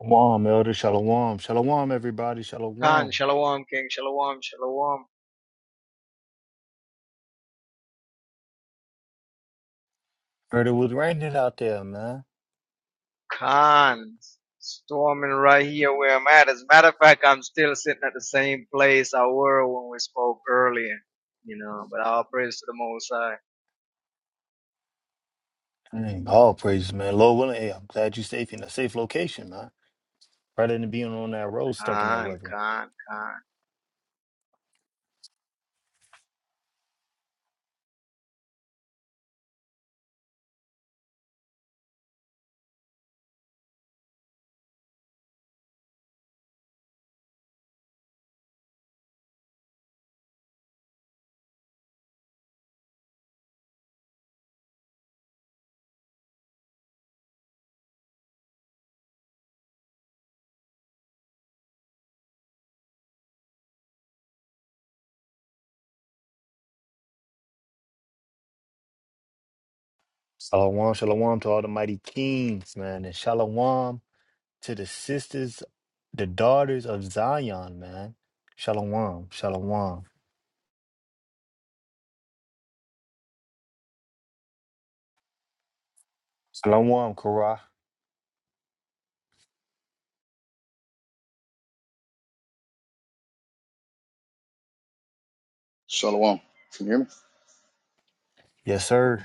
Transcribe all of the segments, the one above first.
Shalom, Elder Shalom. Shalom, everybody. Khan, Shalom. Shalom, King, Shalom, Shalom, Heard it was raining out there, man. Khan. Storming right here where I'm at. As a matter of fact, I'm still sitting at the same place I were when we spoke earlier. You know, but all praise to the Most High. Mm, all praises, man. Lord willing, hey, I'm glad you're safe in a safe location, man. Rather than being on that road stuck in that Khan, weather. Khan, Khan. Shalom, shalom to all the mighty kings, man. And shalom to the sisters, the daughters of Zion, man. Shalom, shalom. Shalom, Korah. Shalom. Can you hear me? Yes, sir.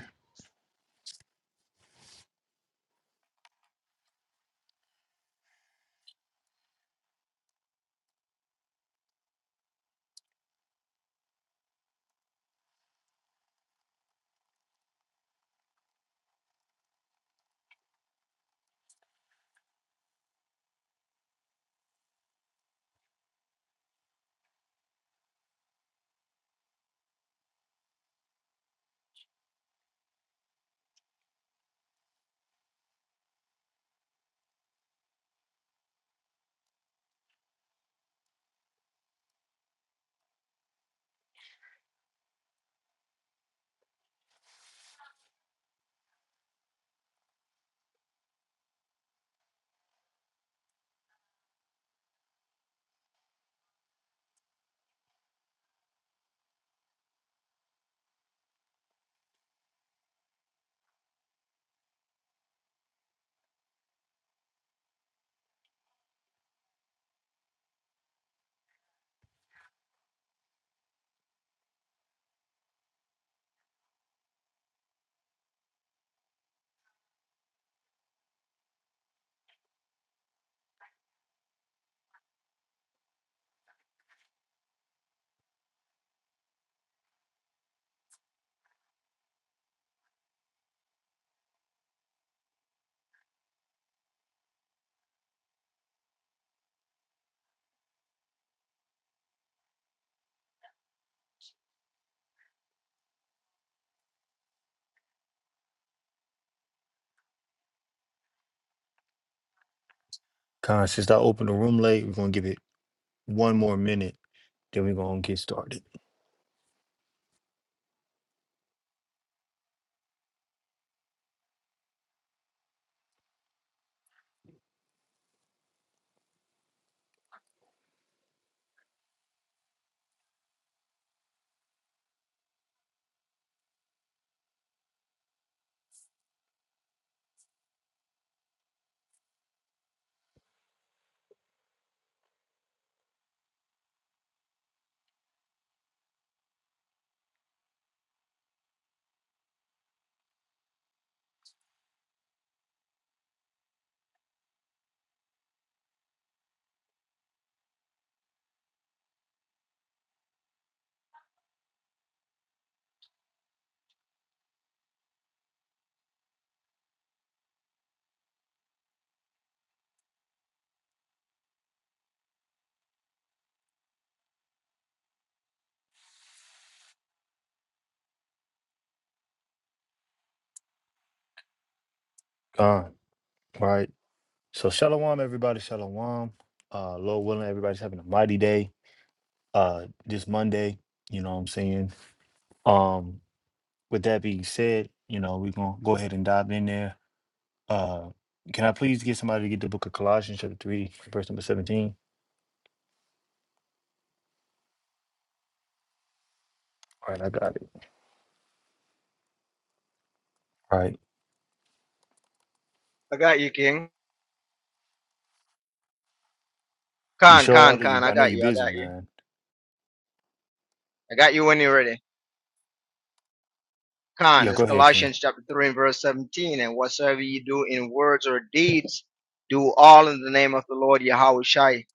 Khan, since I opened the room late, we're going to give it one more minute. Then we're going to get started. Khan, right? So shalom, everybody. Shalom. Uh, Lord willing, everybody's having a mighty day. Uh, this Monday. You know what I'm saying. Um, with that being said, you know we're gonna go ahead and dive in there. Uh, can I please get somebody to get the Book of Colossians, chapter three, verse number seventeen? All right, I got it. All right, I got you, King. you Khan, sure, Khan, Elder? You, Khan. I I know got you're you. I busy, got you. man. I got you when you're ready. Khan, Yeah, this go ahead, King. Colossians chapter 3 and verse 17. And whatsoever you do in words or deeds, do all in the name of the Lord Yahweh Shai,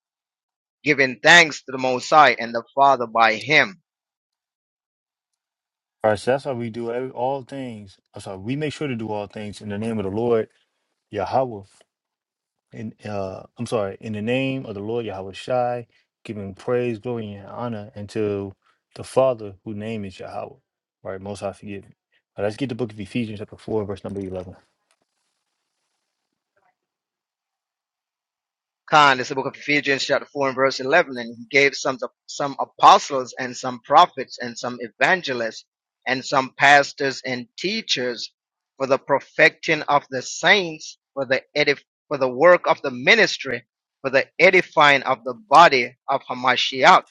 giving thanks to the Most High and the Father by him. All right, so that's how we do every, all things. I'm sorry, we make sure to do all things in the name of the Lord Yahweh in uh I'm sorry, in the name of the Lord Yahweh Shai, giving praise, glory, and honor unto the Father whose name is Yahweh. Right, most high forgive me. All right, let's get the book of Ephesians chapter four, verse number eleven. Khan, it's the book of Ephesians, chapter 4, and verse 11. And he gave some, some apostles and some prophets and some evangelists and some pastors and teachers for the perfecting of the saints, for the edif- for the work of the ministry, for the edifying of the body of Hamashiach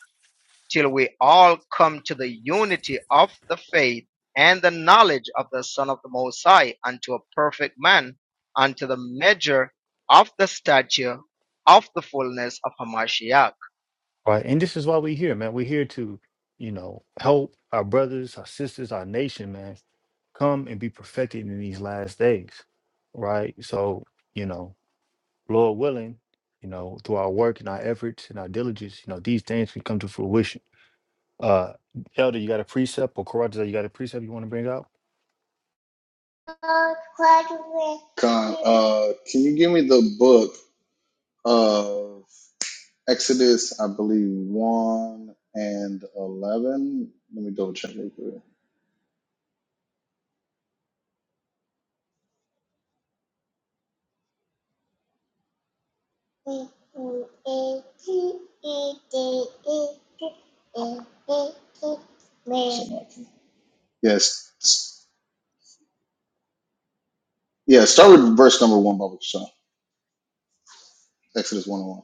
till we all come to the unity of the faith and the knowledge of the Son of the Most High, unto a perfect man, unto the measure of the stature of the fullness of Hamashiach. All right, and this is why we're here, man. We're here to, you know, help our brothers, our sisters, our nation, man, come and be perfected in these last days. Right? So, you know, Lord willing, you know, through our work and our efforts and our diligence, you know, these things can come to fruition Uh, Elder, you got a precept or Karatza, you got a precept you want to bring out? Con, uh, can you give me the book of Exodus, I believe, 1 and 11? Let me double check real quick. Something like Yes. Yeah, start with verse number 1, Baba Kashan. Exodus 1 and 1.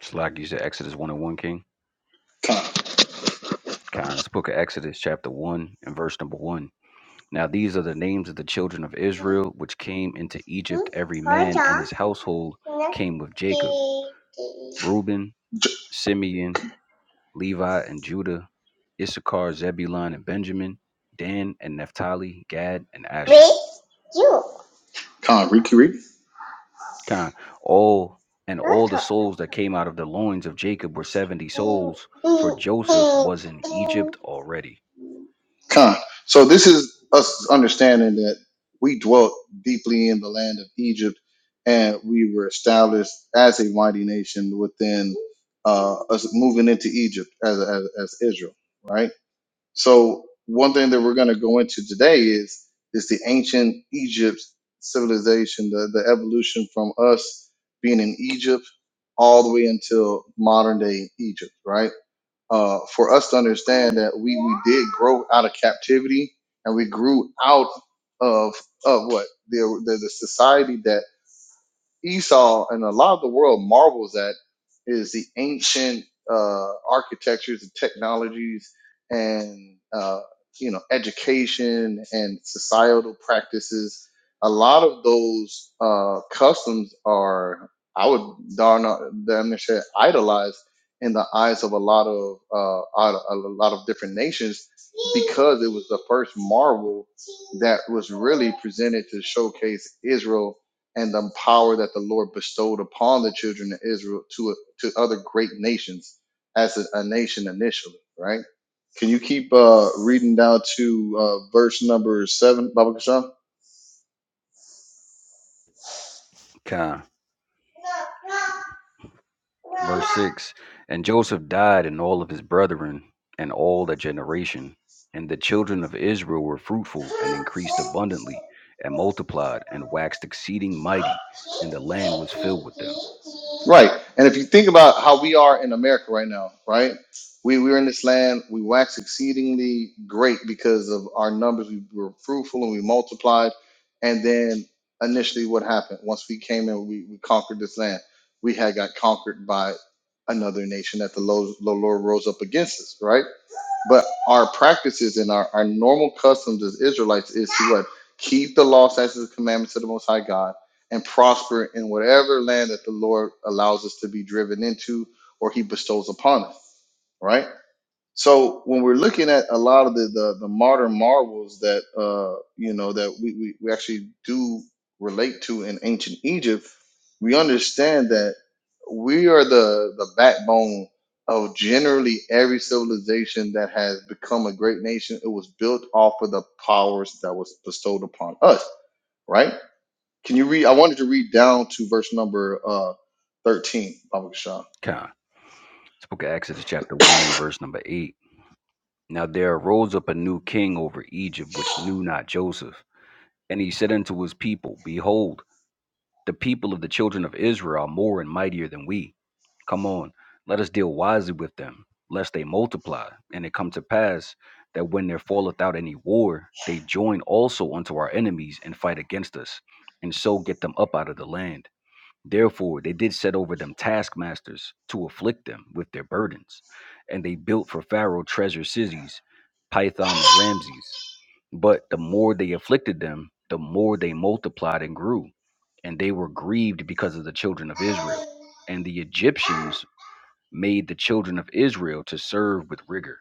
Just like you said, Exodus 1 and 1, King. Con. Kind of book of Exodus, chapter 1 and verse number 1. Now these are the names of the children of Israel, which came into Egypt, every man and his household came with Jacob Reuben, Simeon, Levi, and Judah, Issachar, Zebulun, and Benjamin, Dan, and Naphtali, Gad, and Asher. With you. Con, Ricky Ricky. Kind of all and all the Doctor. souls that came out of the loins of Jacob were 70 In, souls, for in, Joseph in, was in in. Egypt already. Con. So this is us understanding that we dwelt deeply in the land of Egypt and we were established as a mighty nation within uh, us moving into Egypt as, as, as Israel, right? So one thing that we're going to go into today is is the ancient Egypt civilization, the, the evolution from us being in Egypt all the way until modern day Egypt, right? Uh, for us to understand that we, we did grow out of captivity and we grew out of of what the the, the society that Esau and a lot of the world marvels at is the ancient uh, architectures and technologies and uh, you know education and societal practices. A lot of those uh, customs are, I would darn damn near say, idolized in the eyes of a lot of uh, a a lot of different nations because it was the first marvel that was really presented to showcase Israel and the power that the Lord bestowed upon the children of Israel to to other great nations as a, a nation initially, right? Can you keep uh, reading down to uh, verse number seven, Baba Kashan? Kind. Verse 6 And Joseph died, and all of his brethren, and all the generation. And the children of Israel were fruitful and increased abundantly, and multiplied, and waxed exceeding mighty, and the land was filled with them. Right. And if you think about how we are in America right now, right? We, we're in this land, we wax exceedingly great because of our numbers. We were fruitful and we multiplied. And then initially, what happened? Once we came in, we, we conquered this land. We had got conquered by another nation that the Lord, the Lord rose up against us, right? But our practices and our, our normal customs as Israelites is to what? Keep the law, statutes, and commandments of the Most High God and prosper in whatever land that the Lord allows us to be driven into or he bestows upon us, right? So when we're looking at a lot of the the, the modern marvels that uh you know that we, we we actually do relate to in ancient Egypt, we understand that we are the the backbone of generally every civilization that has become a great nation. It was built off of the powers that was bestowed upon us, right? Can you read? I wanted to read down to verse number uh thirteen, Baba Kashan. Con. This book of Exodus, chapter 1, and verse number 8. Now there arose up a new king over Egypt, which knew not Joseph. And he said unto his people, Behold, The people of the children of Israel are more and mightier than we. Come on, let us deal wisely with them, lest they multiply. And it come to pass that when there falleth out any war, they join also unto our enemies and fight against us, and so get them up out of the land. Therefore, they did set over them taskmasters to afflict them with their burdens. And they built for Pharaoh treasure cities, Python and Ramses. But the more they afflicted them, the more they multiplied and grew. And they were grieved because of the children of Israel. And the Egyptians made the children of Israel to serve with rigor.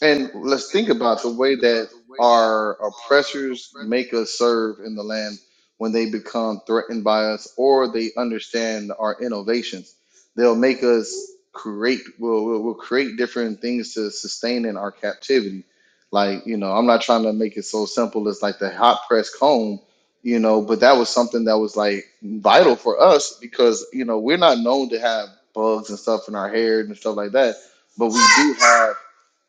And let's think about the way that our oppressors make us serve in the land when they become threatened by us or they understand our innovations. They'll make us create, we'll, we'll, we'll create different things to sustain in our captivity. Like, you know, I'm not trying to make it so simple as like the hot press comb, you know, but that was something that was like vital for us because, you know, we're not known to have bugs and stuff in our hair and stuff like that, but we do have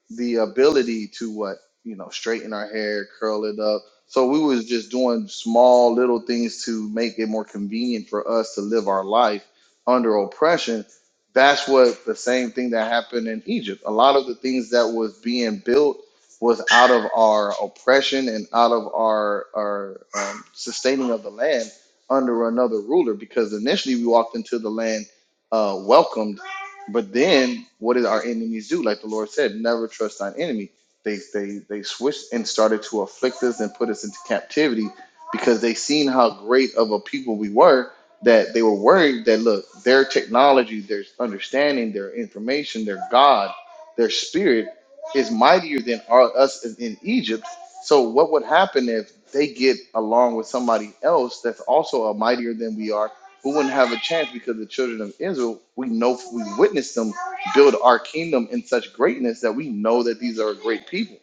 the ability to what you know straighten our hair curl it up so we was just doing small little things to make it more convenient for us to live our life under oppression that's what the same thing that happened in egypt a lot of the things that was being built was out of our oppression and out of our our um, sustaining of the land under another ruler because initially we walked into the land uh, welcomed but then, what did our enemies do? Like the Lord said, never trust thine enemy. They they they switched and started to afflict us and put us into captivity because they seen how great of a people we were that they were worried that look, their technology, their understanding, their information, their God, their spirit is mightier than our, us in in Egypt. So what would happen if they get along with somebody else that's also a mightier than we are? we wouldn't have a chance because the children of Israel, we know we witnessed them build our kingdom in such greatness that we know that these are a great people.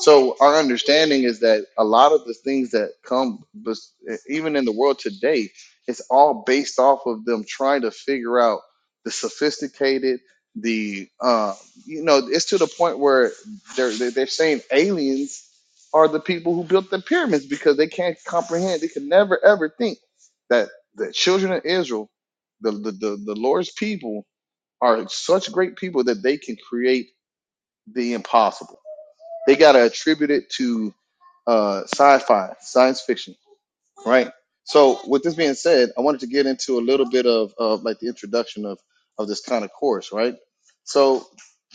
So our understanding is that a lot of the things that come, bes- even in the world today, it's all based off of them trying to figure out the sophisticated, the uh, you know, it's to the point where they're they're they're saying aliens are the people who built the pyramids because they can't comprehend, they can never ever think the children of Israel, the, the, the, the Lord's people, are such great people that they can create the impossible. They got to attribute it to uh, sci fi, science fiction, right? So, with this being said, I wanted to get into a little bit of, of like the introduction of, of this kind of course, right? So,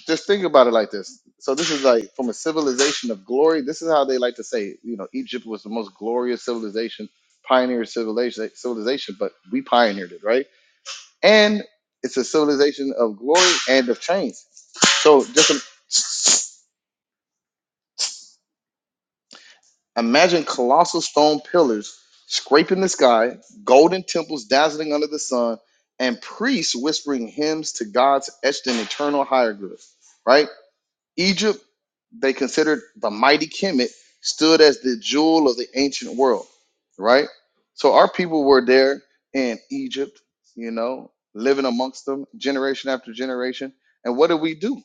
just think about it like this. So, this is like from a civilization of glory. This is how they like to say, you know, Egypt was the most glorious civilization, pioneer civilization, civilization, but we pioneered it, right? and it's a civilization of glory and of change. So just im- imagine colossal stone pillars scraping the sky, golden temples dazzling under the sun, and priests whispering hymns to gods etched in eternal hieroglyphs. Right? Egypt, they considered the mighty Kemet, stood as the jewel of the ancient world. Right? So our people were there in Egypt, you know, living amongst them generation after generation. And what did we do?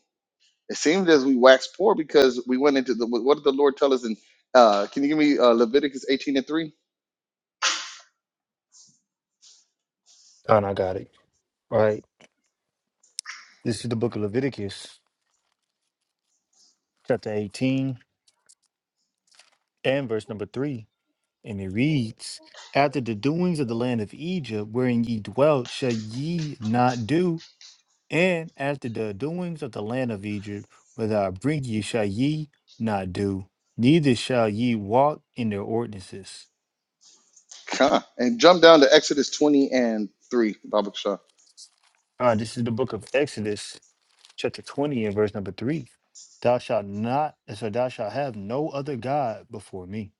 It seemed as we waxed poor because we went into the. What did the Lord tell us? And uh, can you give me uh, Leviticus 18 and 3? Oh, and I got it. All right. This is the book of Leviticus, chapter 18 and verse number 3. And it reads, After the doings of the land of Egypt, wherein ye dwelt, shall ye not do. And after the doings of the land of Egypt, whither I bring ye, shall ye not do. Neither shall ye walk in their ordinances. Huh. And jump down to Exodus 20 and 3, Baba Shah. Ah, this is the book of Exodus, chapter 20 and verse number 3 thou shalt not so thou shalt have no other god before me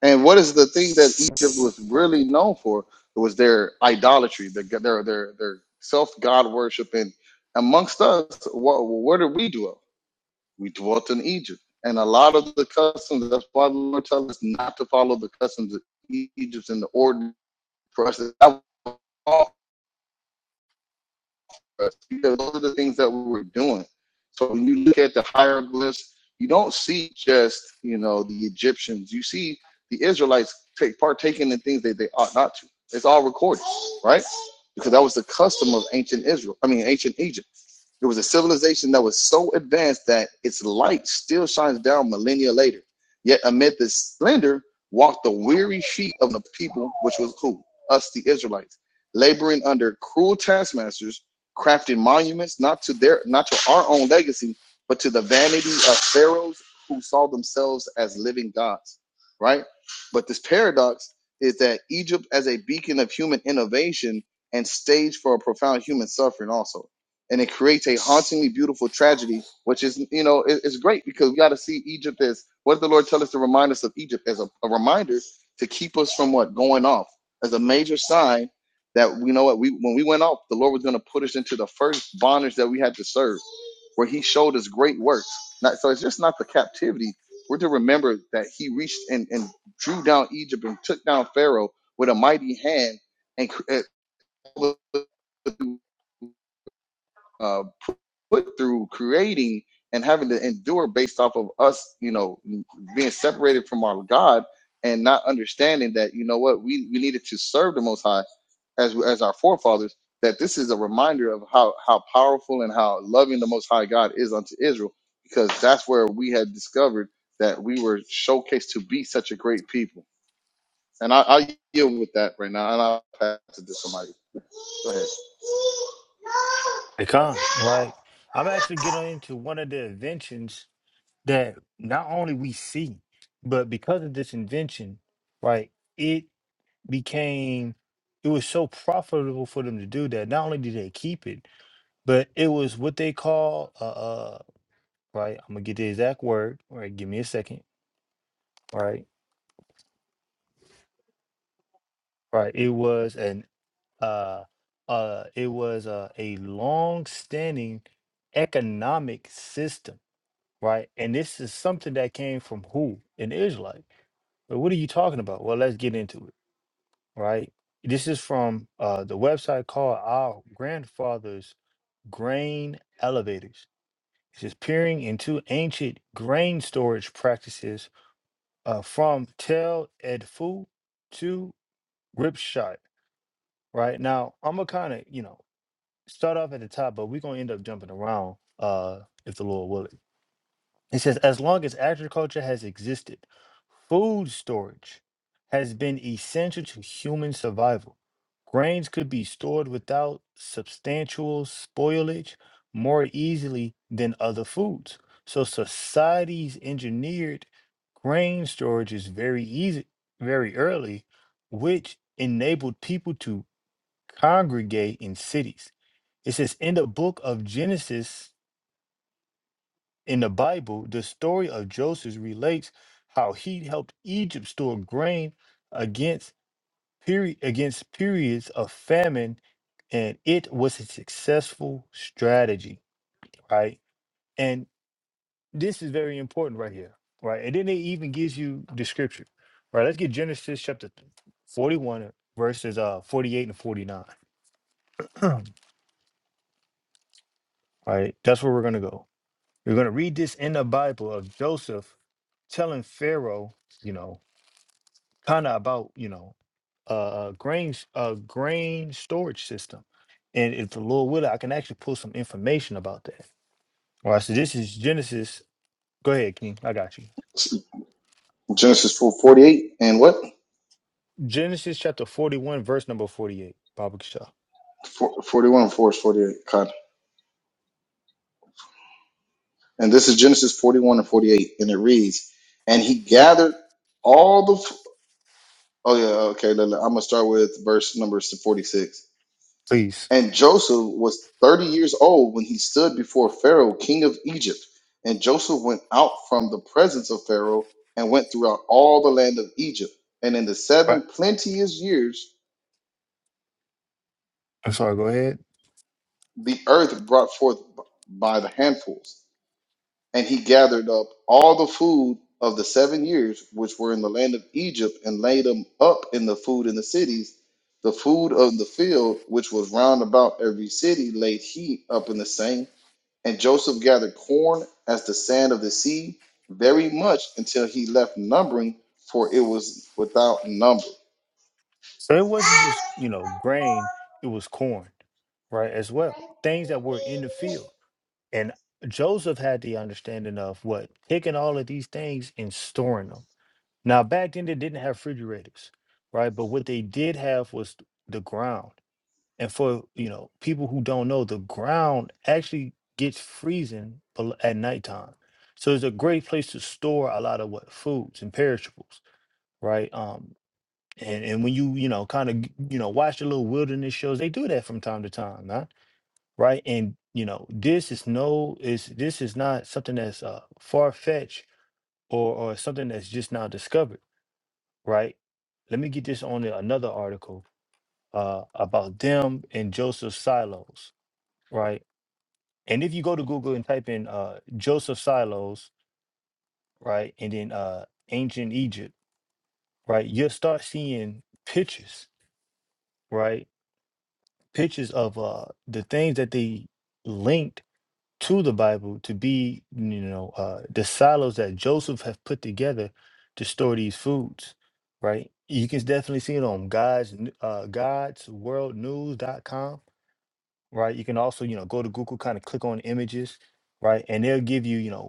And what is the thing that Egypt was really known for? It was their idolatry, their their their, their self god worship. And amongst us, what, what did we dwell? We dwelt in Egypt. And a lot of the customs, that's why the Lord tells us not to follow the customs of Egypt and the ordinance for us. That us because those are the things that we were doing. So when you look at the hieroglyphs, you don't see just you know the Egyptians. You see the Israelites take partaking in things that they ought not to. It's all recorded, right? Because that was the custom of ancient Israel. I mean, ancient Egypt. It was a civilization that was so advanced that its light still shines down millennia later. Yet amid this splendor walked the weary feet of the people, which was who? Us, the Israelites, laboring under cruel taskmasters crafting monuments not to their not to our own legacy but to the vanity of pharaohs who saw themselves as living gods right but this paradox is that egypt as a beacon of human innovation and stage for a profound human suffering also and it creates a hauntingly beautiful tragedy which is you know it- it's great because we got to see egypt as what did the lord tell us to remind us of egypt as a, a reminder to keep us from what going off as a major sign that you know what we when we went off, the Lord was going to put us into the first bondage that we had to serve, where He showed us great works. Not, so it's just not the captivity. We're to remember that He reached and, and drew down Egypt and took down Pharaoh with a mighty hand and and uh, put through creating and having to endure based off of us, you know, being separated from our God and not understanding that, you know what, we, we needed to serve the Most High as, as our forefathers, that this is a reminder of how, how powerful and how loving the Most High God is unto Israel, because that's where we had discovered that we were showcased to be such a great people and I, I'll yield with that right now, and I'll pass it to somebody. Go ahead. Hey, Con, like i'm actually getting into one of the inventions that not only we see but because of this invention right it became it was so profitable for them to do that not only did they keep it but it was what they call uh, uh right i'm gonna get the exact word all right give me a second all right all right it was an uh, uh, it was a, a long-standing economic system, right? And this is something that came from who? An Israelite. But what are you talking about? Well, let's get into it, right? This is from uh, the website called Our Grandfather's Grain Elevators. It says peering into ancient grain storage practices uh, from Tel Edfu to Ripshot, right? Now, I'm going to kind of, you know, start off at the top, but we're gonna end up jumping around uh if the Lord will it. It says, as long as agriculture has existed, food storage has been essential to human survival. Grains could be stored without substantial spoilage more easily than other foods. So societies engineered grain storage is very easy very early, which enabled people to congregate in cities it says, in the book of Genesis in the Bible, the story of Joseph relates how he helped Egypt store grain against period against periods of famine, and it was a successful strategy, right? And this is very important right here, right? And then it even gives you the scripture, right? Let's get Genesis chapter forty-one, verses uh forty-eight and forty-nine, right? That's where we're gonna go. We're going to read this in the Bible of Joseph telling Pharaoh, you know, kind of about, you know, a uh, grain s- uh, grain storage system. And if the Lord will, I can actually pull some information about that. All right, so this is Genesis. Go ahead, King. I got you. Genesis 4, 48 and what? Genesis chapter 41, verse number 48. Baba Kishah. Four forty-one, 41 4 is 48. God. And this is Genesis 41 and 48, and it reads, And he gathered all the. f- Oh, yeah, okay. I'm going to start with verse number 46. Please. And Joseph was 30 years old when he stood before Pharaoh, king of Egypt. And Joseph went out from the presence of Pharaoh and went throughout all the land of Egypt. And in the Right. seven plenteous years, I'm sorry, go ahead. the earth brought forth b- by the handfuls. And he gathered up all the food of the seven years which were in the land of Egypt and laid them up in the food in the cities. The food of the field, which was round about every city, laid he up in the same. And Joseph gathered corn as the sand of the sea, very much until he left numbering, for it was without number. So it wasn't just, you know, grain, it was corn, right, as well. Things that were in the field. And Joseph had the understanding of what taking all of these things and storing them. Now, back then, they didn't have refrigerators, right? But what they did have was th- the ground. And for you know people who don't know, the ground actually gets freezing bel- at nighttime, so it's a great place to store a lot of what foods and perishables, right? Um, and and when you you know kind of you know watch the little wilderness shows, they do that from time to time. huh? right? And you know, this is no is this is not something that's uh, far fetched or or something that's just now discovered, right? Let me get this on a- another article uh, about them and Joseph Silos, right? And if you go to Google and type in uh, Joseph Silos, right, and then uh, ancient Egypt, right, you'll start seeing pictures, right? Pictures of uh, the things that they linked to the Bible to be, you know, uh, the silos that Joseph have put together to store these foods, right? You can definitely see it on God's n- uh, God's World News dot com, right? You can also, you know, go to Google, kind of click on images, right, and they'll give you, you know,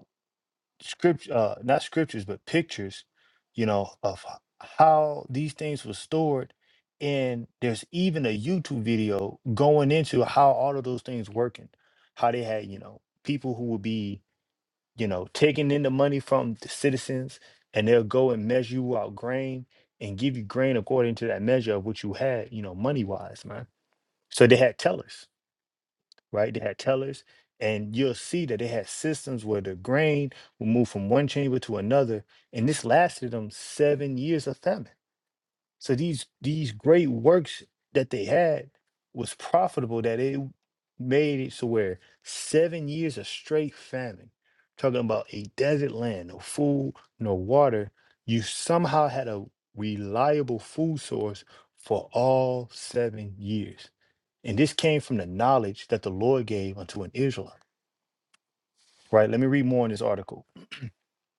script uh not scriptures but pictures you know of h- how these things were stored and there's even a youtube video going into how all of those things working how they had you know people who would be you know taking in the money from the citizens and they'll go and measure you out grain and give you grain according to that measure of what you had you know money wise man so they had tellers right? They had tellers, and you'll see that they had systems where the grain would move from one chamber to another, and this lasted them seven years of famine. So these these great works that they had was profitable that it made it so where seven years of straight famine, talking about a desert land, no food, no water, you somehow had a reliable food source for all seven years and this came from the knowledge that the Lord gave unto an Israelite. Right? Let me read more in this article.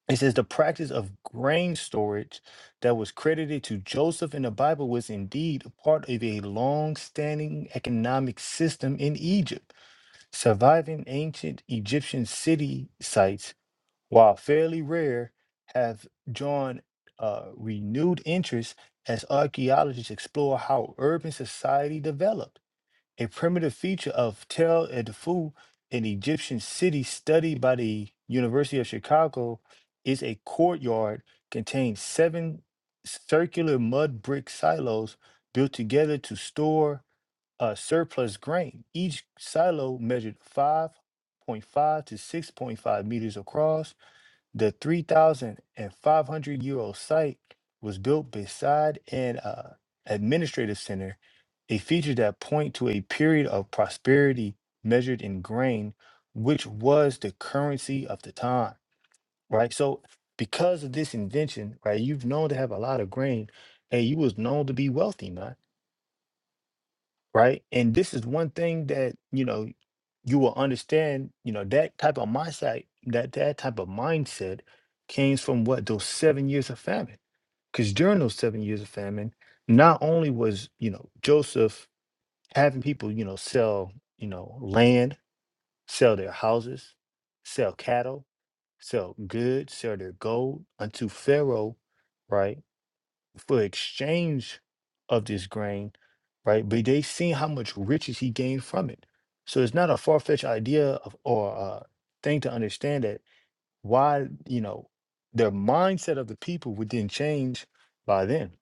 It says the practice of grain storage that was credited to Joseph in the Bible was indeed a part of a long standing economic system in Egypt. Surviving ancient Egyptian city sites, while fairly rare, have drawn uh, renewed interest as archaeologists explore how urban society developed. a primitive feature of Tell Tel dufu an Egyptian city studied by the University of Chicago, is a courtyard containing seven circular mud brick silos built together to store uh, surplus grain. Each silo measured 5.5 to 6.5 meters across the 3,500 year old site was built beside an uh, administrative center, a feature that point to a period of prosperity measured in grain, which was the currency of the time, right? So because of this invention, right, you've known to have a lot of grain and you was known to be wealthy, man right? And this is one thing that you know you will understand. You know that type of mindset, that that type of mindset, came from what those seven years of famine. Because during those seven years of famine, not only was you know Joseph having people you know sell you know land, sell their houses, sell cattle, sell goods, sell their gold unto Pharaoh, right? for exchange of this grain, right? But they seen how much riches he gained from it. So it's not a far fetched idea of, or uh, thing to understand that why you know the mindset of the people would then change by then.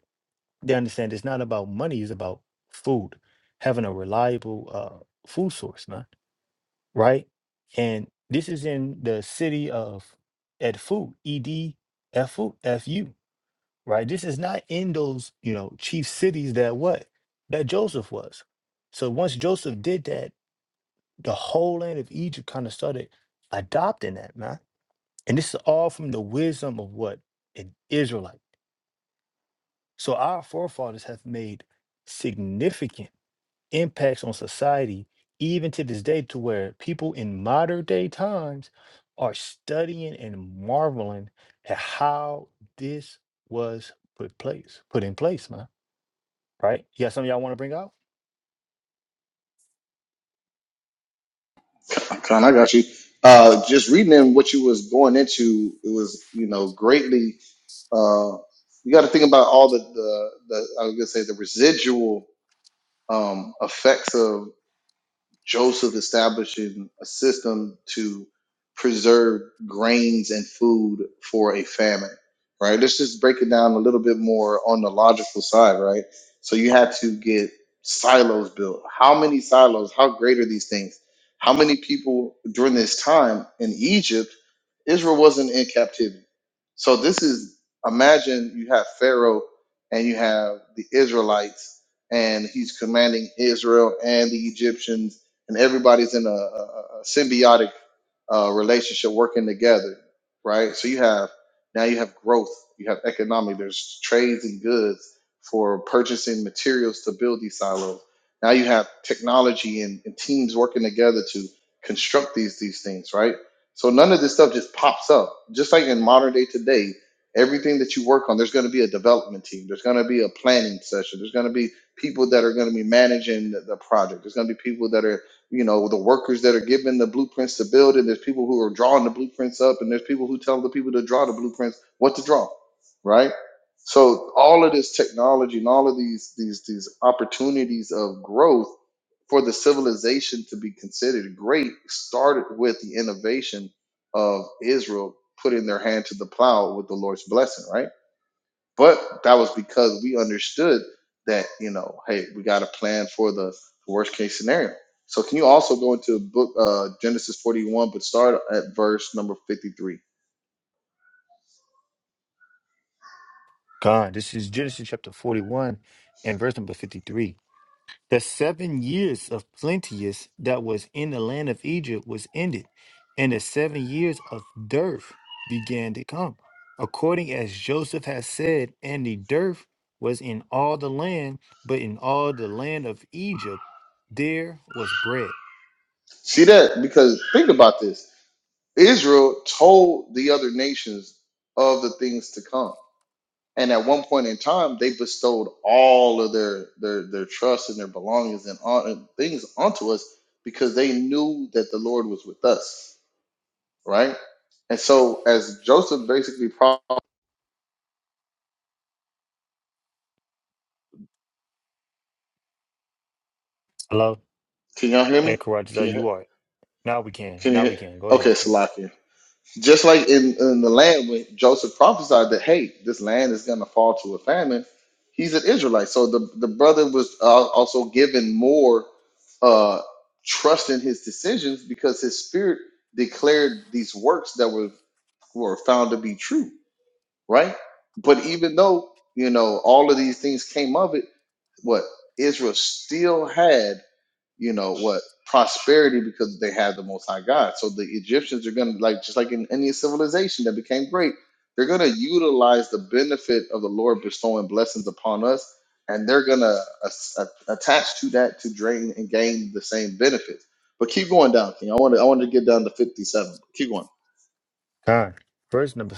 They understand it's not about money; it's about food, having a reliable uh, food source, man, right? And this is in the city of Edfu, E D F U, right? This is not in those, you know, chief cities that what? That Joseph was. So once Joseph did that, the whole land of Egypt kind of started adopting that, man. And this is all from the wisdom of what? An Israelite. So our forefathers have made significant impacts on society, even to this day, to where people in modern day times are studying and marveling at how this was put place, put in place, man. right? You got something y'all want to bring out? Con, I got you. Uh, just reading in what you was going into, it was you know greatly. Uh, you got to think about all the the, the I was gonna say the residual um, effects of Joseph establishing a system to preserve grains and food for a famine, right? Let's just break it down a little bit more on the logical side, right? So you had to get silos built. How many silos? How great are these things? How many people during this time in Egypt, Israel wasn't in captivity? So this is imagine you have Pharaoh and you have the Israelites, and he's commanding Israel and the Egyptians and everybody's in a, a, a symbiotic uh, relationship working together, right? So you have now you have growth, you have economic. There's trades and goods for purchasing materials to build these silos. Now you have technology and, and teams working together to construct these these things, right? So none of this stuff just pops up. Just like in modern day today, everything that you work on, there's going to be a development team. There's going to be a planning session. There's going to be people that are going to be managing the, the project. There's going to be people that are you know the workers that are given the blueprints to build and there's people who are drawing the blueprints up and there's people who tell the people to draw the blueprints what to draw right so all of this technology and all of these these these opportunities of growth for the civilization to be considered great started with the innovation of israel putting their hand to the plow with the lord's blessing right but that was because we understood that, you know, hey, we got a plan for the worst case scenario. So can you also go into book uh, Genesis 41, but start at verse number 53? God, this is Genesis chapter 41 and verse number 53. The seven years of plenteous that was in the land of Egypt was ended, and the seven years of dearth began to come, according as Joseph has said, and the dearth was in all the land, but in all the land of Egypt there was bread. See that? Because think about this. Israel told the other nations of the things to come. And at one point in time, they bestowed all of their their their trust and their belongings and, on, and things onto us because they knew that the Lord was with us right? And so as Joseph basically pro Hello? can y'all hear Ed me? Can Karate, you you are. Now we can. can you Now we can. Go Okay, ahead, King. Salakia. Just like in, in the land when Joseph prophesied that hey, this land is gonna fall to a famine, he's an Israelite. So the, the brother was uh, also given more uh trust in his decisions because his spirit declared these works that were were found to be true, right? But even though you know all of these things came of it what Israel still had, you know, what prosperity because they had the Most High God. So the Egyptians are going to like just like in any civilization that became great, they're going to utilize the benefit of the Lord bestowing blessings upon us, and they're going to attach to that to drain and gain the same benefits. But keep going down, King. I want to I want to get down to fifty-seven. Keep going. God. Verse number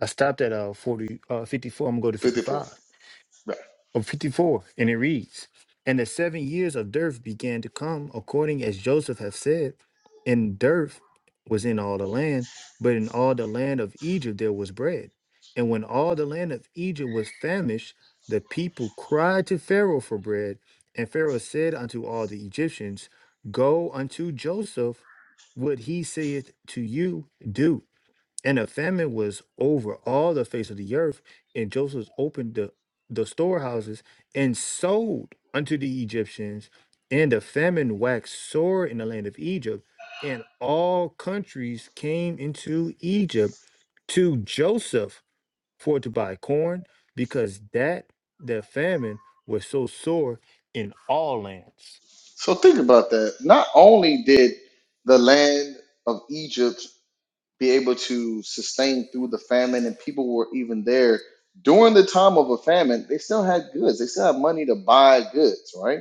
I stopped at uh 40 uh 54. I'm gonna go to Fifty-four. 55 Right. or 54, and it reads, And the seven years of dearth began to come, according as Joseph hath said, and dearth was in all the land, but in all the land of Egypt there was bread. And when all the land of Egypt was famished, the people cried to Pharaoh for bread, and Pharaoh said unto all the Egyptians, Go unto Joseph, what he saith to you, do. And a famine was over all the face of the earth. And Joseph opened the, the storehouses and sold unto the Egyptians. And the famine waxed sore in the land of Egypt. And all countries came into Egypt to Joseph for to buy corn, because that the famine was so sore in all lands. So think about that. Not only did the land of Egypt be able to sustain through the famine, and people were even there during the time of a famine. They still had goods. They still had money to buy goods, right?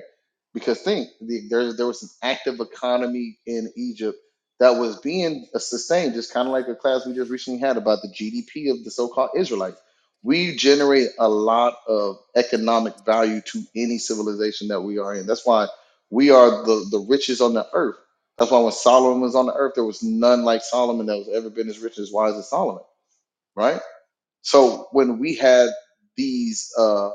Because think the, there there was an active economy in Egypt that was being sustained, just kind of like a class we just recently had about the GDP of the so-called Israelites. We generate a lot of economic value to any civilization that we are in. That's why we are the, the richest on the earth that's why when Solomon was on the earth, there was none like Solomon that was ever been as rich as wise as Solomon, right? So when we had these uh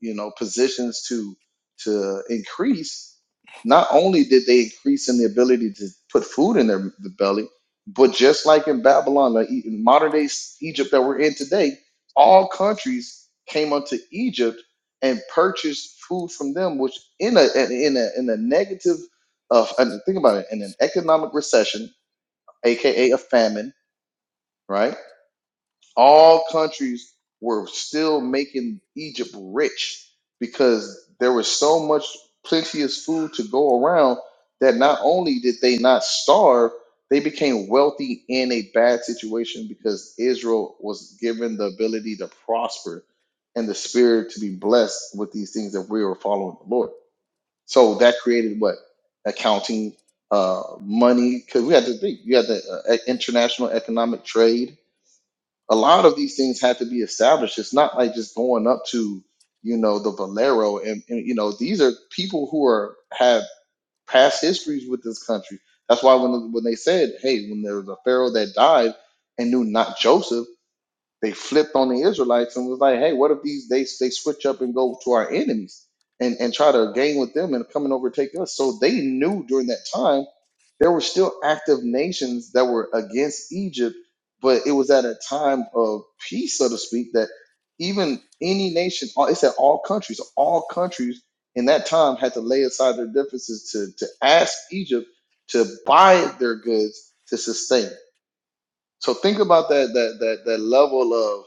you know positions to to increase not only did they increase in the ability to put food in their the belly but just like in babylon like E- in modern day S- egypt that we're in today all countries came unto egypt and purchased food from them which in a in a in a negative of and think about it in an economic recession aka a famine right all countries were still making Egypt rich because there was so much plenteous food to go around that not only did they not starve, they became wealthy in a bad situation because Israel was given the ability to prosper and the spirit to be blessed with these things that we were following the Lord. So that created what? Accounting, uh, money, because we had to think, you had the uh, international economic trade a lot of these things had to be established. It's not like just going up to, you know, the Valero and, and, you know, these are people who are have past histories with this country. That's why when when they said, hey, when there was a pharaoh that died and knew not Joseph, they flipped on the Israelites and was like, hey, what if these they they switch up and go to our enemies and and try to gain with them and come and overtake us? So they knew during that time there were still active nations that were against Egypt, but it was at a time of peace, so to speak, that even any nation, all- it said all countries, all countries in that time had to lay aside their differences to, to ask Egypt to buy their goods to sustain. So think about that that that that level of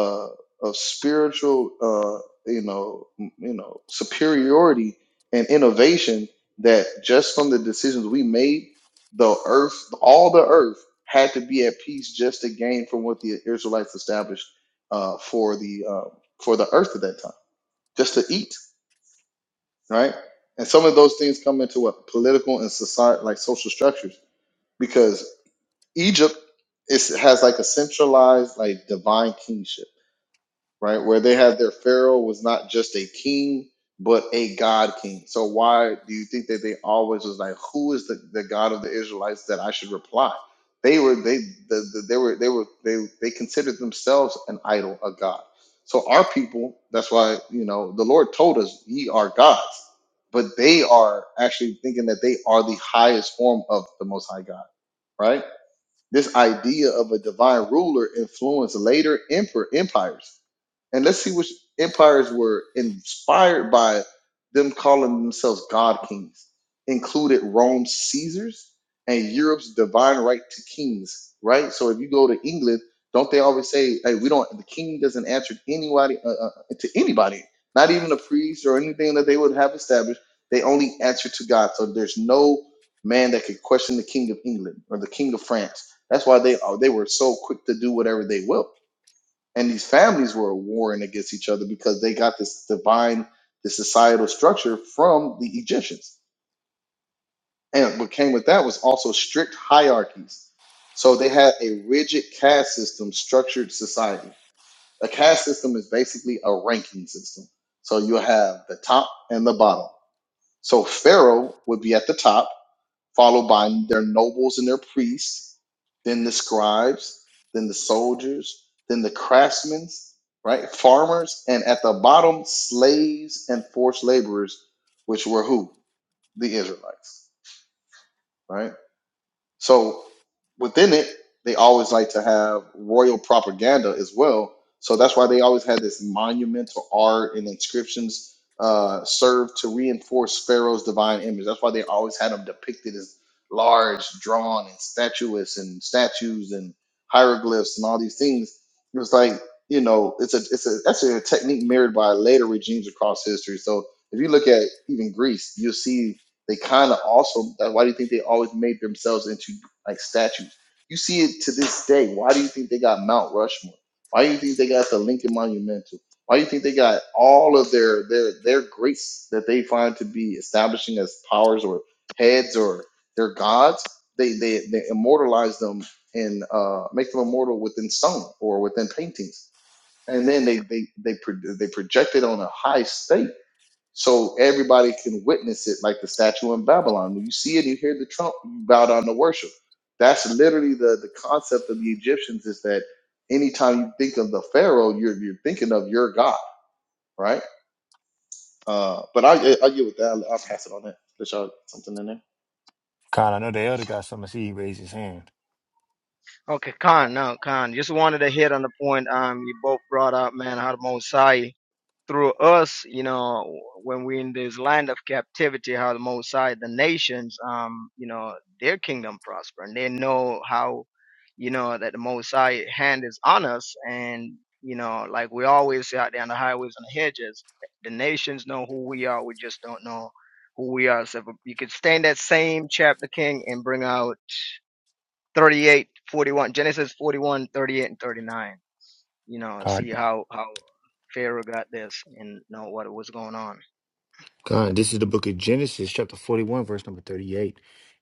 uh, of spiritual uh, you know m- you know superiority and innovation that just from the decisions we made, the earth all the earth had to be at peace just to gain from what the Israelites established uh, for the uh, for the earth at that time, just to eat right. And some of those things come into what political and society like social structures Egypt is has like a centralized like divine kingship, right? Where they had their pharaoh was not just a king but a god king. So why do you think that they always was like, who is the, the god of the Israelites that I should reply? They were they the, the, they were they were they they considered themselves an idol, a god. So our people, that's why you know the Lord told us, ye are gods, but they are actually thinking that they are the highest form of the Most High God, right? This idea of a divine ruler influenced later emperor empires. And let's see which empires were inspired by them calling themselves God kings, included Rome's Caesars and Europe's divine right to kings, right? So if you go to England, don't they always say, hey, we don't, the king doesn't answer to anybody, uh, uh, uh, to anybody, not even a priest or anything that they would have established. They only answer to God. So there's no man that could question the king of England or the king of France. That's why they, uh, they were so quick to do whatever they will and these families were warring against each other because they got this divine this societal structure from the egyptians and what came with that was also strict hierarchies so they had a rigid caste system structured society a caste system is basically a ranking system so you have the top and the bottom so pharaoh would be at the top followed by their nobles and their priests, then the scribes, then the soldiers, then the craftsmen, right? Farmers, and at the bottom, slaves and forced laborers, which were who? The Israelites, right? So within it, they always like to have royal propaganda as well. So that's why they always had this monumental art and inscriptions uh, served to reinforce Pharaoh's divine image. That's why they always had them depicted as large, drawn, and statuesque, and statues and hieroglyphs and all these things. It was like you know, it's a it's a that's a technique mirrored by later regimes across history. So if you look at even Greece, you'll see they kind of also. that- Why do you think they always made themselves into like statues? You see it to this day. Why do you think they got Mount Rushmore? Why do you think they got the Lincoln Monumental? Why do you think they got all of their their their greats that they find to be establishing as powers or heads or their gods? They they, they immortalize them and uh, make them immortal within stone or within paintings, and then they they they pro- they project it on a high stake so everybody can witness it like the statue in babylon when you see it you hear the trump you bow down to worship that's literally the the concept of the egyptians is that anytime you think of the pharaoh you're you're thinking of your god right uh but i i get with that i'll, I'll pass it on There, there's y'all something in there God, I know the elder got something to see. He raised his hand. Okay, Khan, now Khan, just wanted to hit on the point um you both brought up, man, how the Most High through us, you know, when we're in this land of captivity, how the Most High, the nations, um, you know, their kingdom prosper, and they know how, you know, that the Most High hand is on us, and you know, like we always say out there on the highways and the hedges, the nations know who we are. We just don't know who we are. So if you could stay in that same chapter, King, and bring out 38, 41, Genesis 41, 38, and 39 you know, see how how Pharaoh got this and know what was going on. God, this is the book of Genesis, chapter 41, verse number 38.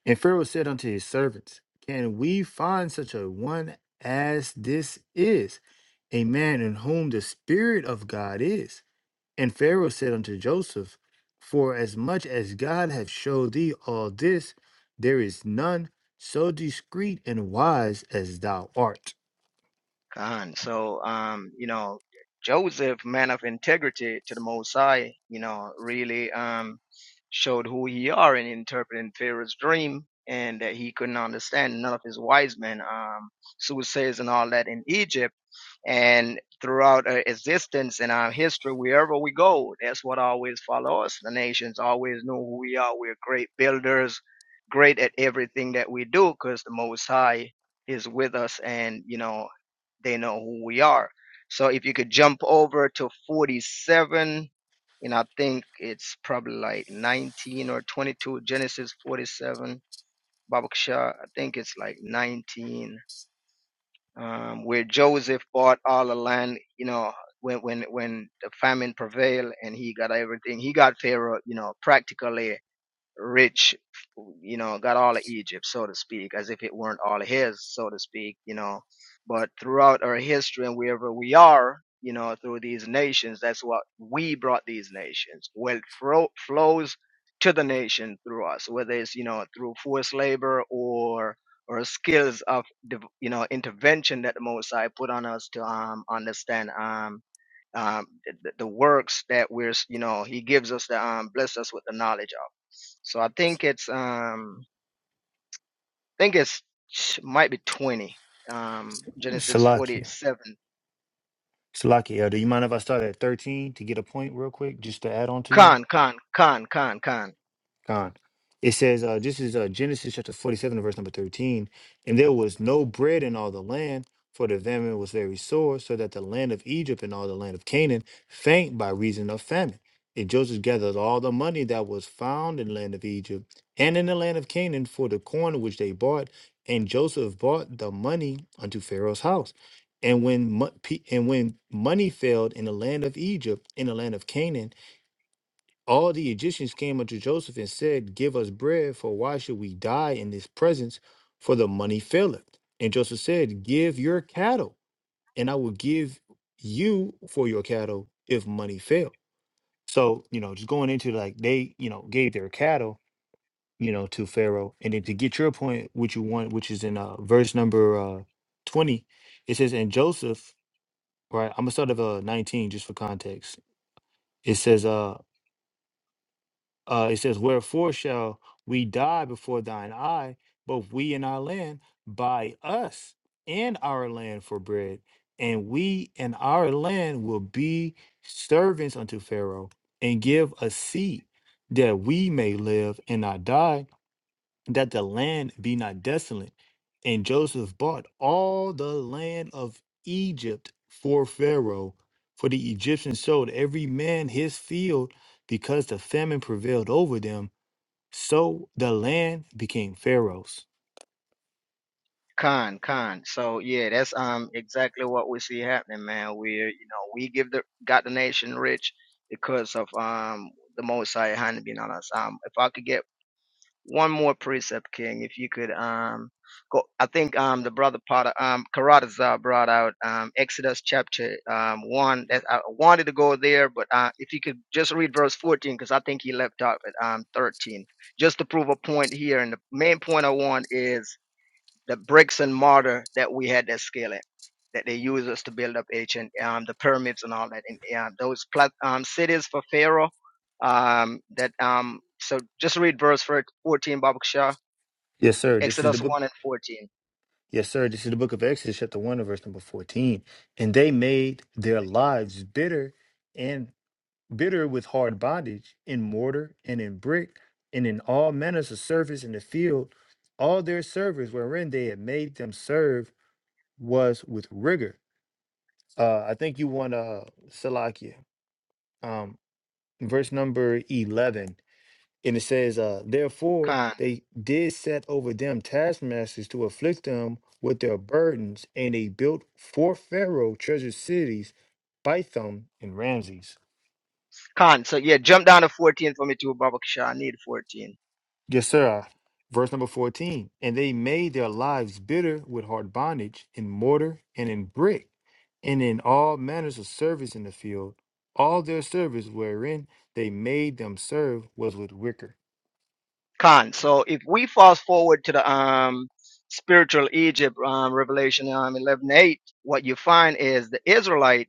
And Pharaoh said unto his servants, Can we find such a one as this is, a man in whom the Spirit of God is? And Pharaoh said unto Joseph, For as much as God hath showed thee all this, there is none so discreet and wise as thou art. Con. So, um, you know, Joseph, man of integrity to the Most High, you know, really um, showed who he are in interpreting Pharaoh's dream and that he couldn't understand none of his wise men, um, soothsayers and all that in Egypt. And throughout our existence and our history, wherever we go, that's what always follow us. The nations always know who we are. We're great builders, great at everything that we do because the Most High is with us and you know they know who we are. So if you could jump over to 47, and I think it's probably like 19 or 22, Genesis 47, Babakshah, I think it's like 19, um, where Joseph bought all the land, you know, when, when, when the famine prevailed and he got everything, he got Pharaoh, you know, practically rich, you know, got all of Egypt, so to speak, as if it weren't all his, so to speak, you know. But throughout our history and wherever we are, you know, through these nations, that's what we brought these nations. Wealth fro- flows to the nation through us, whether it's, you know, through forced labor or or skills of, div- you know, intervention that the Most High put on us to um, understand. Um, um, the, the works that we're, you know, he gives us the, um, bless us with the knowledge of. So I think it's, um, I think it's might be 20, um, Genesis Salakia. 47. Salakia, elder. You mind if I start at 13 to get a point real quick, just to add on to you? Con, con, con, con, con, Con. It says, uh, this is uh, Genesis chapter 47, verse number 13. And there was no bread in all the land, for the famine was very sore, so that the land of Egypt and all the land of Canaan faint by reason of famine. And Joseph gathered all the money that was found in the land of Egypt and in the land of Canaan for the corn which they bought. And Joseph bought the money unto Pharaoh's house. And when, mo- pe- and when money failed in the land of Egypt, in the land of Canaan, all the Egyptians came unto Joseph and said, Give us bread, for why should we die in this presence? For the money faileth. And Joseph said, Give your cattle, and I will give you for your cattle if money fail. So, you know, just going into like they, you know, gave their cattle, you know, to Pharaoh. And then to get your point, which you want, which is in uh, verse number uh, 20, it says, And Joseph, right, I'm going to start at uh, 19 just for context. It says, uh, uh, it says, Wherefore shall we die before thine eye, both we and our land, buy us and our land for bread, and we and our land will be servants unto Pharaoh, and give a seat that we may live and not die that the land be not desolate. And Joseph bought all the land of Egypt for Pharaoh, for the Egyptians sold every man his field because the famine prevailed over them. So the land became Pharaoh's. con, con. So yeah, that's, um, exactly what we see happening, man. We're, you know, we give the, got the nation rich because of, um, the Most High hand being on us. Um, if I could get one more precept, King, if you could um go I think um the brother Potter um Karatazar brought out um Exodus chapter um one that I wanted to go there, but uh if you could just read verse fourteen because I think he left off at um thirteen. Just to prove a point here and the main point I want is the bricks and mortar that we had that scale it that they used us to build up ancient um, the pyramids and all that and yeah, those plat- um, cities for Pharaoh um, that um, so just read verse 14 Baba Kishar, Yes, sir. This is the Exodus book. 1 and 14 Yes, sir. This is the book of Exodus, chapter 1, and verse number 14. And they made their lives bitter and. bitter with hard bondage, in mortar and in brick, and in all manners of service in the field, all their service wherein they had made them serve was with rigor. Uh, I think you want uh, Salakia, um, verse number 11. And it says, uh, Therefore Khan they did set over them taskmasters to afflict them with their burdens, and they built for Pharaoh treasure cities, Bithom and Ramses. Khan so yeah jump down to 14 for me too Baba Kishar. I need 14 Yes, sir. Verse number 14. And they made their lives bitter with hard bondage in mortar and in brick and in all manners of service in the field. All their service wherein they made them serve was with wicker. Khan so if we fast forward to the um, spiritual Egypt um, Revelation um, 11:8, what you find is the Israelites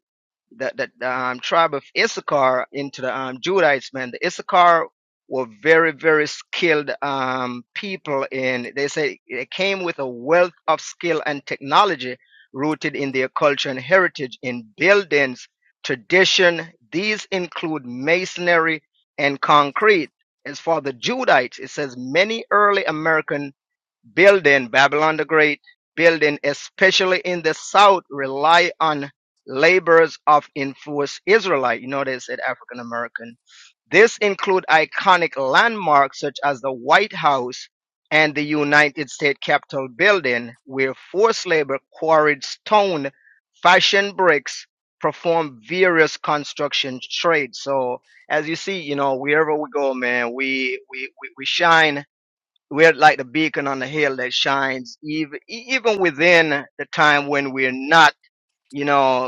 the, the the, um, tribe of Issachar into the um, Judahites, man. The Issachar were very, very skilled um, people and they say they came with a wealth of skill and technology rooted in their culture and heritage in buildings, tradition. These include masonry and concrete. As for the Judahites, it says many early American building Babylon the Great, building especially in the South rely on labors of influenced Israelite. You know, they said African American. This include iconic landmarks such as the White House and the United States Capitol building, where forced labor quarried stone, fashioned bricks, performed various construction trades. So as you see, you know, wherever we go, man, we we we, we shine we're like the beacon on the hill that shines even even within the time when we're not you know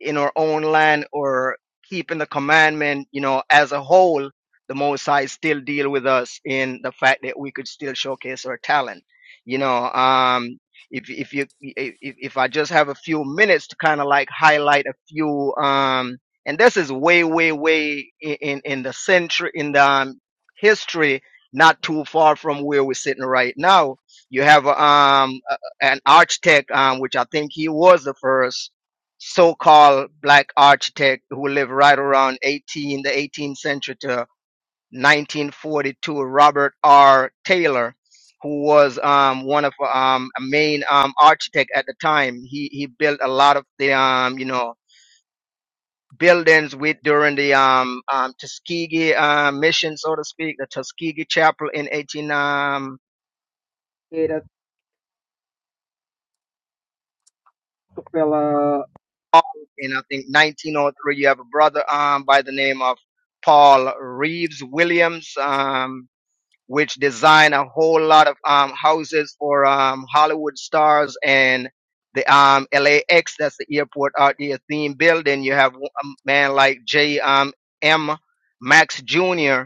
in our own land or keeping the commandment, you know, as a whole, the Most High still deal with us in the fact that we could still showcase our talent. You know, um, if if you if, if I just have a few minutes to kind of like highlight a few, um, and this is way way way in in in the century in the um, history, not too far from where we're sitting right now. You have um a- an architect, um, which I think he was the first so-called black architect who lived right around 18 the 18th century to 1942 robert r taylor who was um, one of um, a main um, architect at the time he, he built a lot of the um, you know buildings with during the um, um, tuskegee uh, mission so to speak the tuskegee chapel in 18 um, Ada Tupela in I think 1903. You have a brother um, by the name of Paul Reeves Williams. Um, which design a whole lot of um, houses for um, Hollywood stars and the um, LAX, that's the airport out there theme building. You have a man like J. Um, M. Max Jr.,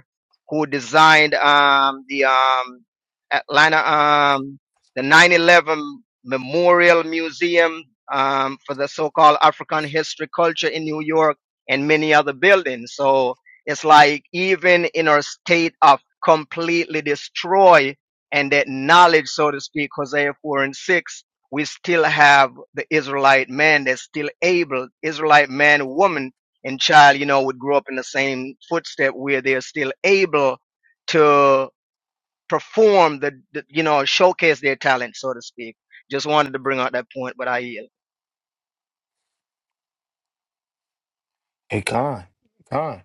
who designed um, the um, Atlanta, um, the 9/11 Memorial Museum um, for the so-called African history culture in New York, and many other buildings. So it's like even in our state of completely destroy and that knowledge, so to speak, Hosea 4 and 6, we still have the Israelite man that's still able, Israelite man, woman, and child, you know, would grow up in the same footstep where they're still able to perform the, the you know, showcase their talent, so to speak. Just wanted to bring out that point, but I yield. Hey, Khan, Khan,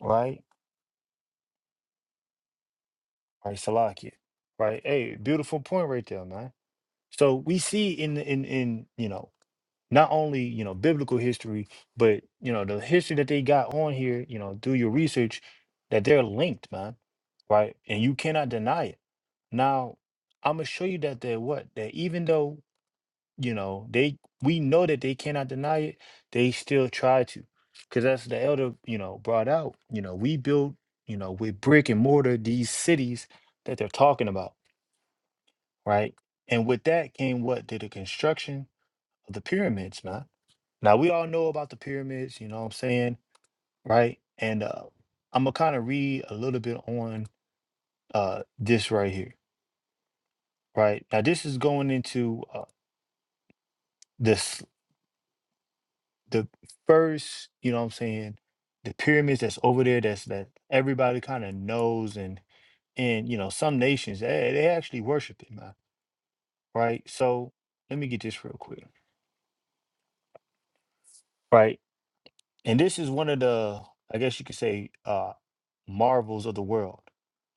right? Right, Salakia, right? Hey, beautiful point right there, man. So we see in, in, in, you know, not only you know biblical history but you know the history that they got on here you know do your research that they're linked man right and you cannot deny it now i'm gonna show you that they're what that even though you know they we know that they cannot deny it they still try to because that's the elder you know brought out you know we built you know with brick and mortar these cities that they're talking about right and with that came what did the construction of the pyramids man now we all know about the pyramids, you know what I'm saying, right? And uh, I'm gonna kind of read a little bit on uh, this right here, right? Now this is going into uh, this the first, you know what I'm saying, the pyramids that's over there that's that everybody kind of knows and and you know some nations they, they actually worship it, man, right? So let me get this real quick, right? And this is one of the I guess you could say uh, marvels of the world.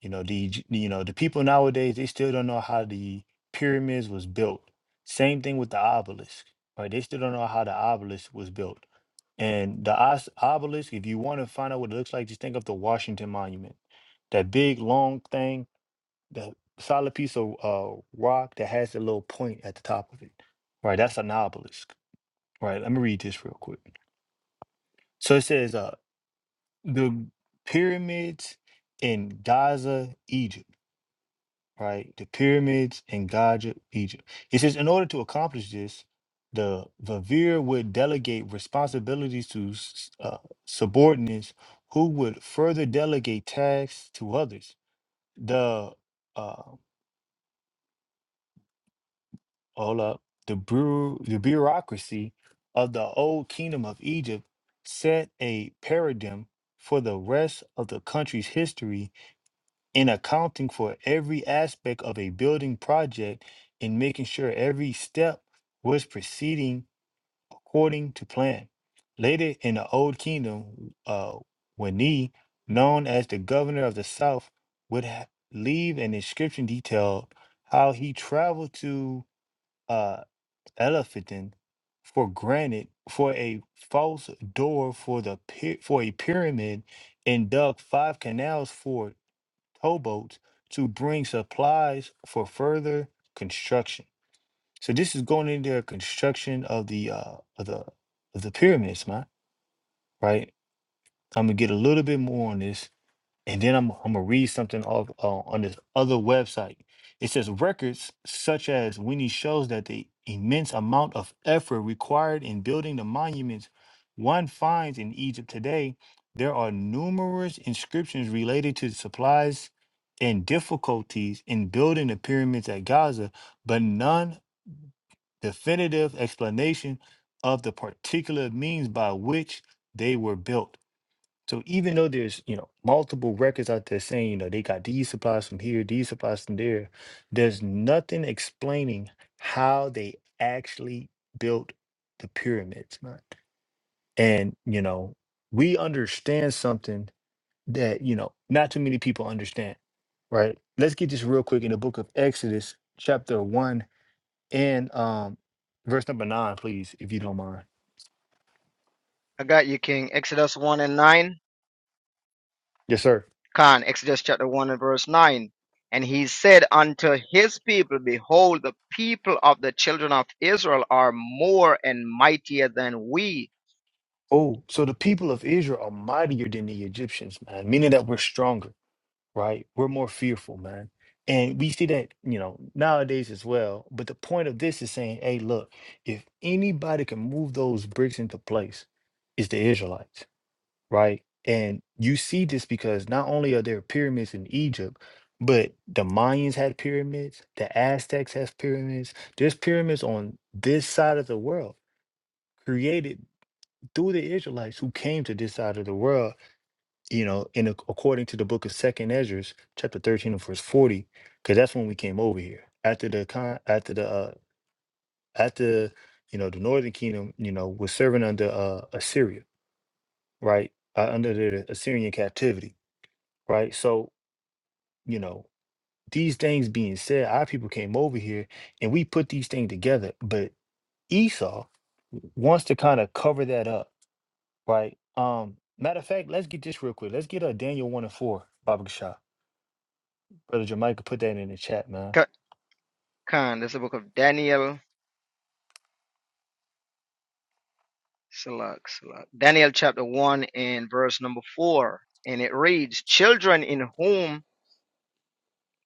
You know, the Eg- you know, the people nowadays they still don't know how the pyramids was built. Same thing with the obelisk, right? They still don't know how the obelisk was built. And the os- obelisk, if you want to find out what it looks like, just think of the Washington Monument. That big long thing, the solid piece of uh, rock that has a little point at the top of it. Right, that's an obelisk. Right, let me read this real quick. So it says uh the pyramids in Gaza, Egypt. right? The pyramids in Gaza, Egypt. It says, in order to accomplish this, the vizier would delegate responsibilities to s- uh, subordinates who would further delegate tasks to others. The uh, hold up, the brew, the bureaucracy of the old kingdom of Egypt set a paradigm for the rest of the country's history in accounting for every aspect of a building project and making sure every step was proceeding according to plan. Later in the Old Kingdom, uh, Wani, known as the governor of the South, would ha- leave an inscription detailed how he traveled to uh, Elephantine for granite for a false door for the py- for a pyramid and dug five canals for it towboats to bring supplies for further construction. So this is going into their construction of the uh of the of the pyramids, man. Right? I'm gonna get a little bit more on this and then I'm, I'm gonna read something off uh, on this other website. It says records such as Winnie shows that the immense amount of effort required in building the monuments one finds in Egypt today. There are numerous inscriptions related to supplies and difficulties in building the pyramids at Gaza, but none definitive explanation of the particular means by which they were built. So even though there's, you know, multiple records out there saying, you know, they got these supplies from here, these supplies from there, there's nothing explaining how they actually built the pyramids. man. And, you know, we understand something that, you know, not too many people understand, right? Let's get this real quick in the book of Exodus, chapter one and um verse number nine, please, if you don't mind. I got you, King. Exodus 1 and 9. Yes, sir. Khan, Exodus chapter 1 and verse 9. And he said unto his people, Behold, the people of the children of Israel are more and mightier than we. Oh, so the people of Israel are mightier than the Egyptians, man, meaning that we're stronger, right? We're more fearful, man. And we see that, you know, nowadays as well. But the point of this is saying, hey, look, if anybody can move those bricks into place, it's the Israelites, right? And you see this because not only are there pyramids in Egypt, but the Mayans had pyramids, the Aztecs have pyramids. There's pyramids on this side of the world created through the Israelites who came to this side of the world, you know, in ac- according to the book of Second Ezra's, chapter thirteen and verse forty, because that's when we came over here after the con after the uh, after you know the Northern Kingdom, you know, was serving under uh, Assyria, right, uh, under the Assyrian captivity, right. So you know these things being said, our people came over here and we put these things together, but Esau wants to kind of cover that up Right. Um, matter of fact, let's get this real quick. Let's get a Daniel one and four Baba Shop. Brother Jamaica put that in the chat, man. Ka- Khan, this is the book of Daniel, Salak, Salak. Daniel chapter 1 and verse number 4. And it reads, Children in whom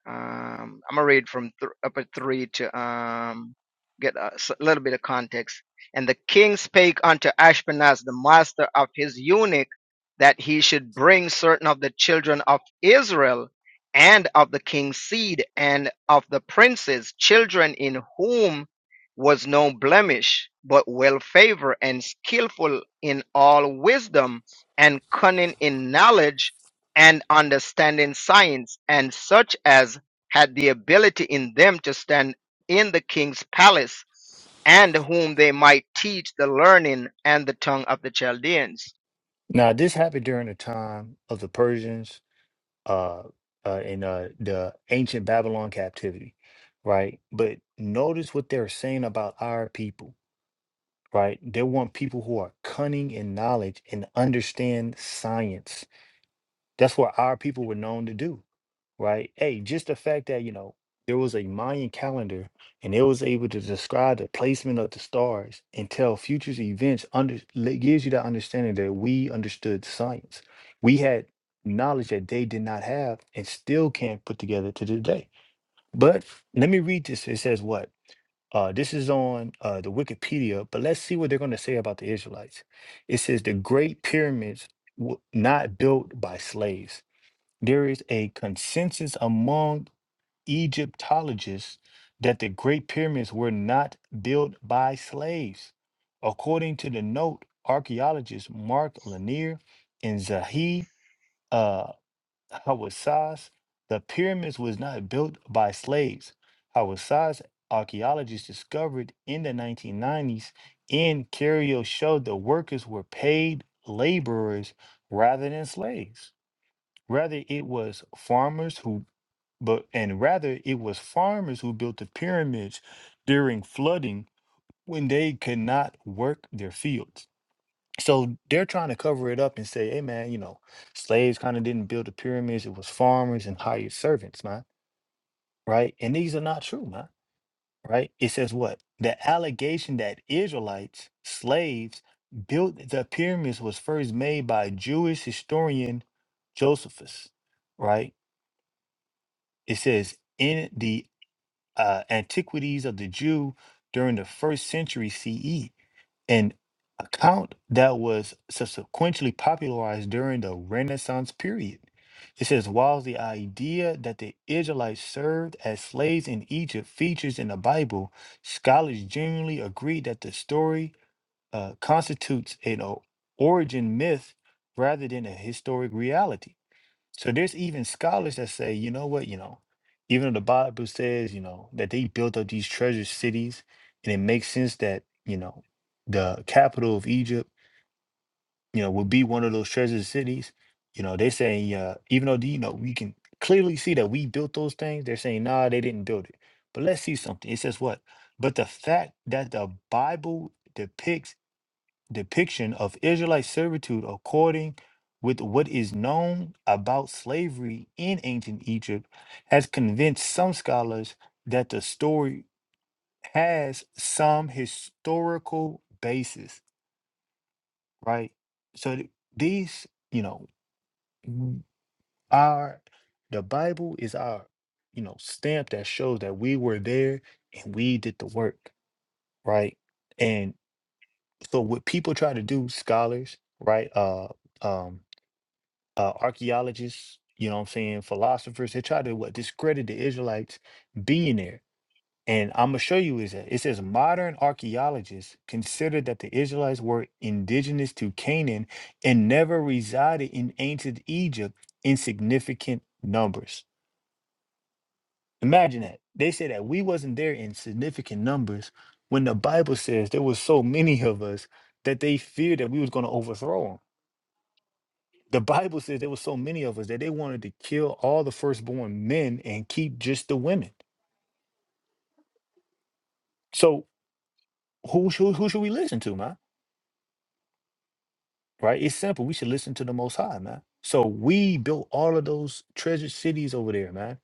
Um, I'm gonna read from th- up at three to um, get a s- little bit of context. And the king spake unto Ashpenaz, the master of his eunuch, that he should bring certain of the children of Israel and of the king's seed and of the princes, children in whom was no blemish, but well favored and skillful in all wisdom and cunning in knowledge and understanding science, and such as had the ability in them to stand in the king's palace, and whom they might teach the learning and the tongue of the Chaldeans. Now this happened during the time of the Persians, uh, uh in uh the ancient Babylon captivity, right? But notice what they're saying about our people, right? They want people who are cunning in knowledge and understand science. That's what our people were known to do right? Hey, just the fact that, you know, there was a Mayan calendar and it was able to describe the placement of the stars and tell futures events under le- gives you that understanding that we understood science. We had knowledge that they did not have and still can't put together to this day. But let me read this. It says what? Uh, this is on uh, the Wikipedia, but let's see what they're going to say about the Israelites. It says the Great Pyramids were not built by slaves there is a consensus among Egyptologists that the Great Pyramids were not built by slaves. According to the note, archaeologists Mark Lanier and Zahi uh, Hawassas, the pyramids was not built by slaves. Hawassas archaeologists discovered in the 1990s in Cairo showed the workers were paid laborers rather than slaves. Rather, it was farmers who but and rather it was farmers who built the pyramids during flooding when they could not work their fields. So they're trying to cover it up and say, hey man, you know, slaves kind of didn't build the pyramids, it was farmers and hired servants, man. Right? And these are not true, man. Right? It says what? The allegation that Israelites, slaves, built the pyramids was first made by Jewish historian Josephus, right? It says in the uh, Antiquities of the Jew during the first century CE, an account that was subsequently popularized during the Renaissance period. It says, while the idea that the Israelites served as slaves in Egypt features in the Bible, scholars generally agree that the story uh, constitutes an o- origin myth rather than a historic reality. So there's even scholars that say, you know what, you know, even though the Bible says, you know, that they built up these treasure cities, and it makes sense that, you know, the capital of Egypt, you know, will be one of those treasure cities. You know, they're saying, uh, even though, the- you know, we can clearly see that we built those things, they're saying, nah, they didn't build it. But let's see something. It says what? But the fact that the Bible depicts depiction of Israelite servitude according with what is known about slavery in ancient Egypt has convinced some scholars that the story has some historical basis, right? So th- these, you know, w- our the Bible is our, you know, stamp that shows that we were there and we did the work, right? And so what people try to do, scholars, right? Uh um uh, archaeologists, you know what I'm saying, philosophers, they try to what discredit the Israelites being there. And I'm gonna show you is that it says modern archaeologists consider that the Israelites were indigenous to Canaan and never resided in ancient Egypt in significant numbers. Imagine that. They say that we wasn't there in significant numbers when the Bible says there was so many of us that they feared that we was gonna overthrow them The Bible says there were so many of us that they wanted to kill all the firstborn men and keep just the women. So who should who should we listen to, man? Right? It's simple. We should listen to the Most High, man. So we built all of those treasured cities over there, man.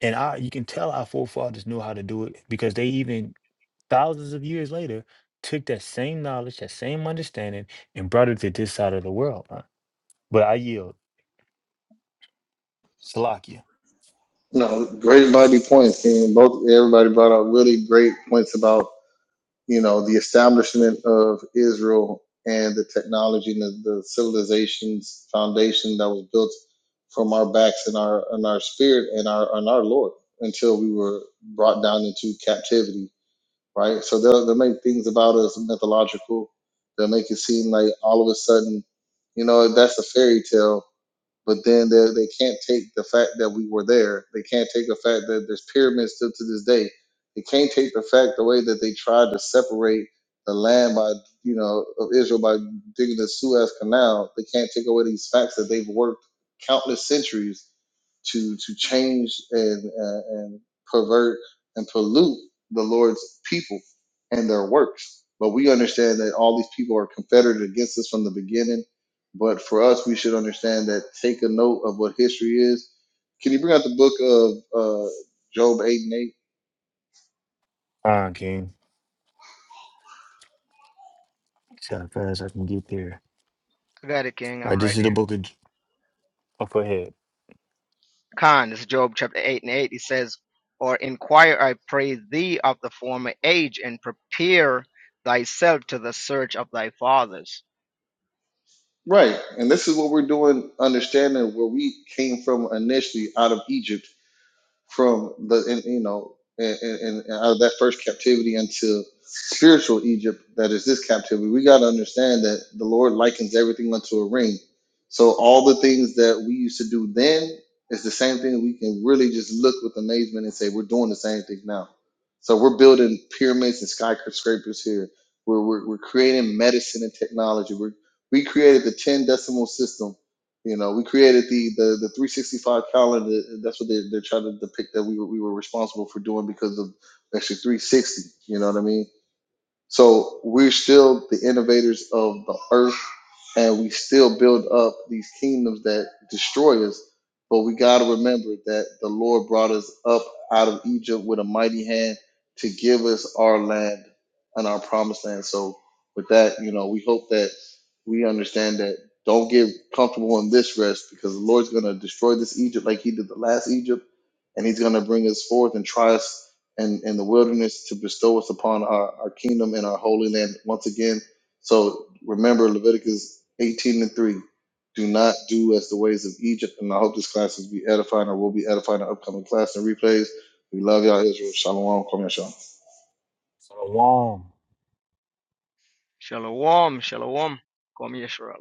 And I, you can tell our forefathers knew how to do it because they even thousands of years later took that same knowledge, that same understanding, and brought it to this side of the world. Man. But I yield, Salakia. no great mighty points and both everybody brought up really great points about you know, the establishment of Israel and the technology and the, the civilization's foundation that was built from our backs and our and our spirit and our and our Lord until we were brought down into captivity, right? So they'll they'll make things about us mythological. They'll make it seem like all of a sudden, you know, that's a fairy tale but then they, they can't take the fact that we were there. They can't take the fact that there's pyramids still to this day. They can't take the fact the way that they tried to separate the land by you know of Israel by digging the Suez Canal. They can't take away these facts that they've worked countless centuries to to change and uh, and pervert and pollute the Lord's people and their works. But we understand that all these people are confederate against us from the beginning. But for us, we should understand that take a note of what history is. Can you bring out the book of uh, Job eight and eight? Fine, King. See how fast I can get there. I got it, King. All I'm right, this right is the there. book of. J- Oh, go ahead. Khan, it's Job chapter 8 and 8. He says, Or inquire, I pray thee, of the former age, and prepare thyself to the search of thy fathers. Right, and this is what we're doing, understanding where we came from initially out of Egypt from the and, you know and, and, and out of that first captivity into spiritual Egypt that is this captivity. We got to understand that the Lord likens everything unto a ring. So all the things that we used to do then is the same thing. We can really just look with amazement and say we're doing the same thing now. So we're building pyramids and skyscrapers here. We're, we're, we're creating medicine and technology. We're, we created the 10 decimal system you know, we created the the, the 365 calendar. That's what they, they're trying to depict that we were, we were responsible for doing because of actually 360. You know what I mean? So we're still the innovators of the earth, and we still build up these kingdoms that destroy us. But we got to remember that the Lord brought us up out of Egypt with a mighty hand to give us our land and our promised land. So with that, you know, we hope that we understand that don't get comfortable in this rest because the Lord's going to destroy this Egypt like he did the last Egypt and he's going to bring us forth and try us and, and the wilderness to bestow us upon our, our kingdom and our holy land once again. So remember Leviticus 18 and 3. Do not do as the ways of Egypt. And I hope this class will be edifying or will be edifying in the upcoming class and replays. We love y'all, Israel. Shalom. Kwame Shalom. Shalom. Shalom, shalom. Kom Yisrael.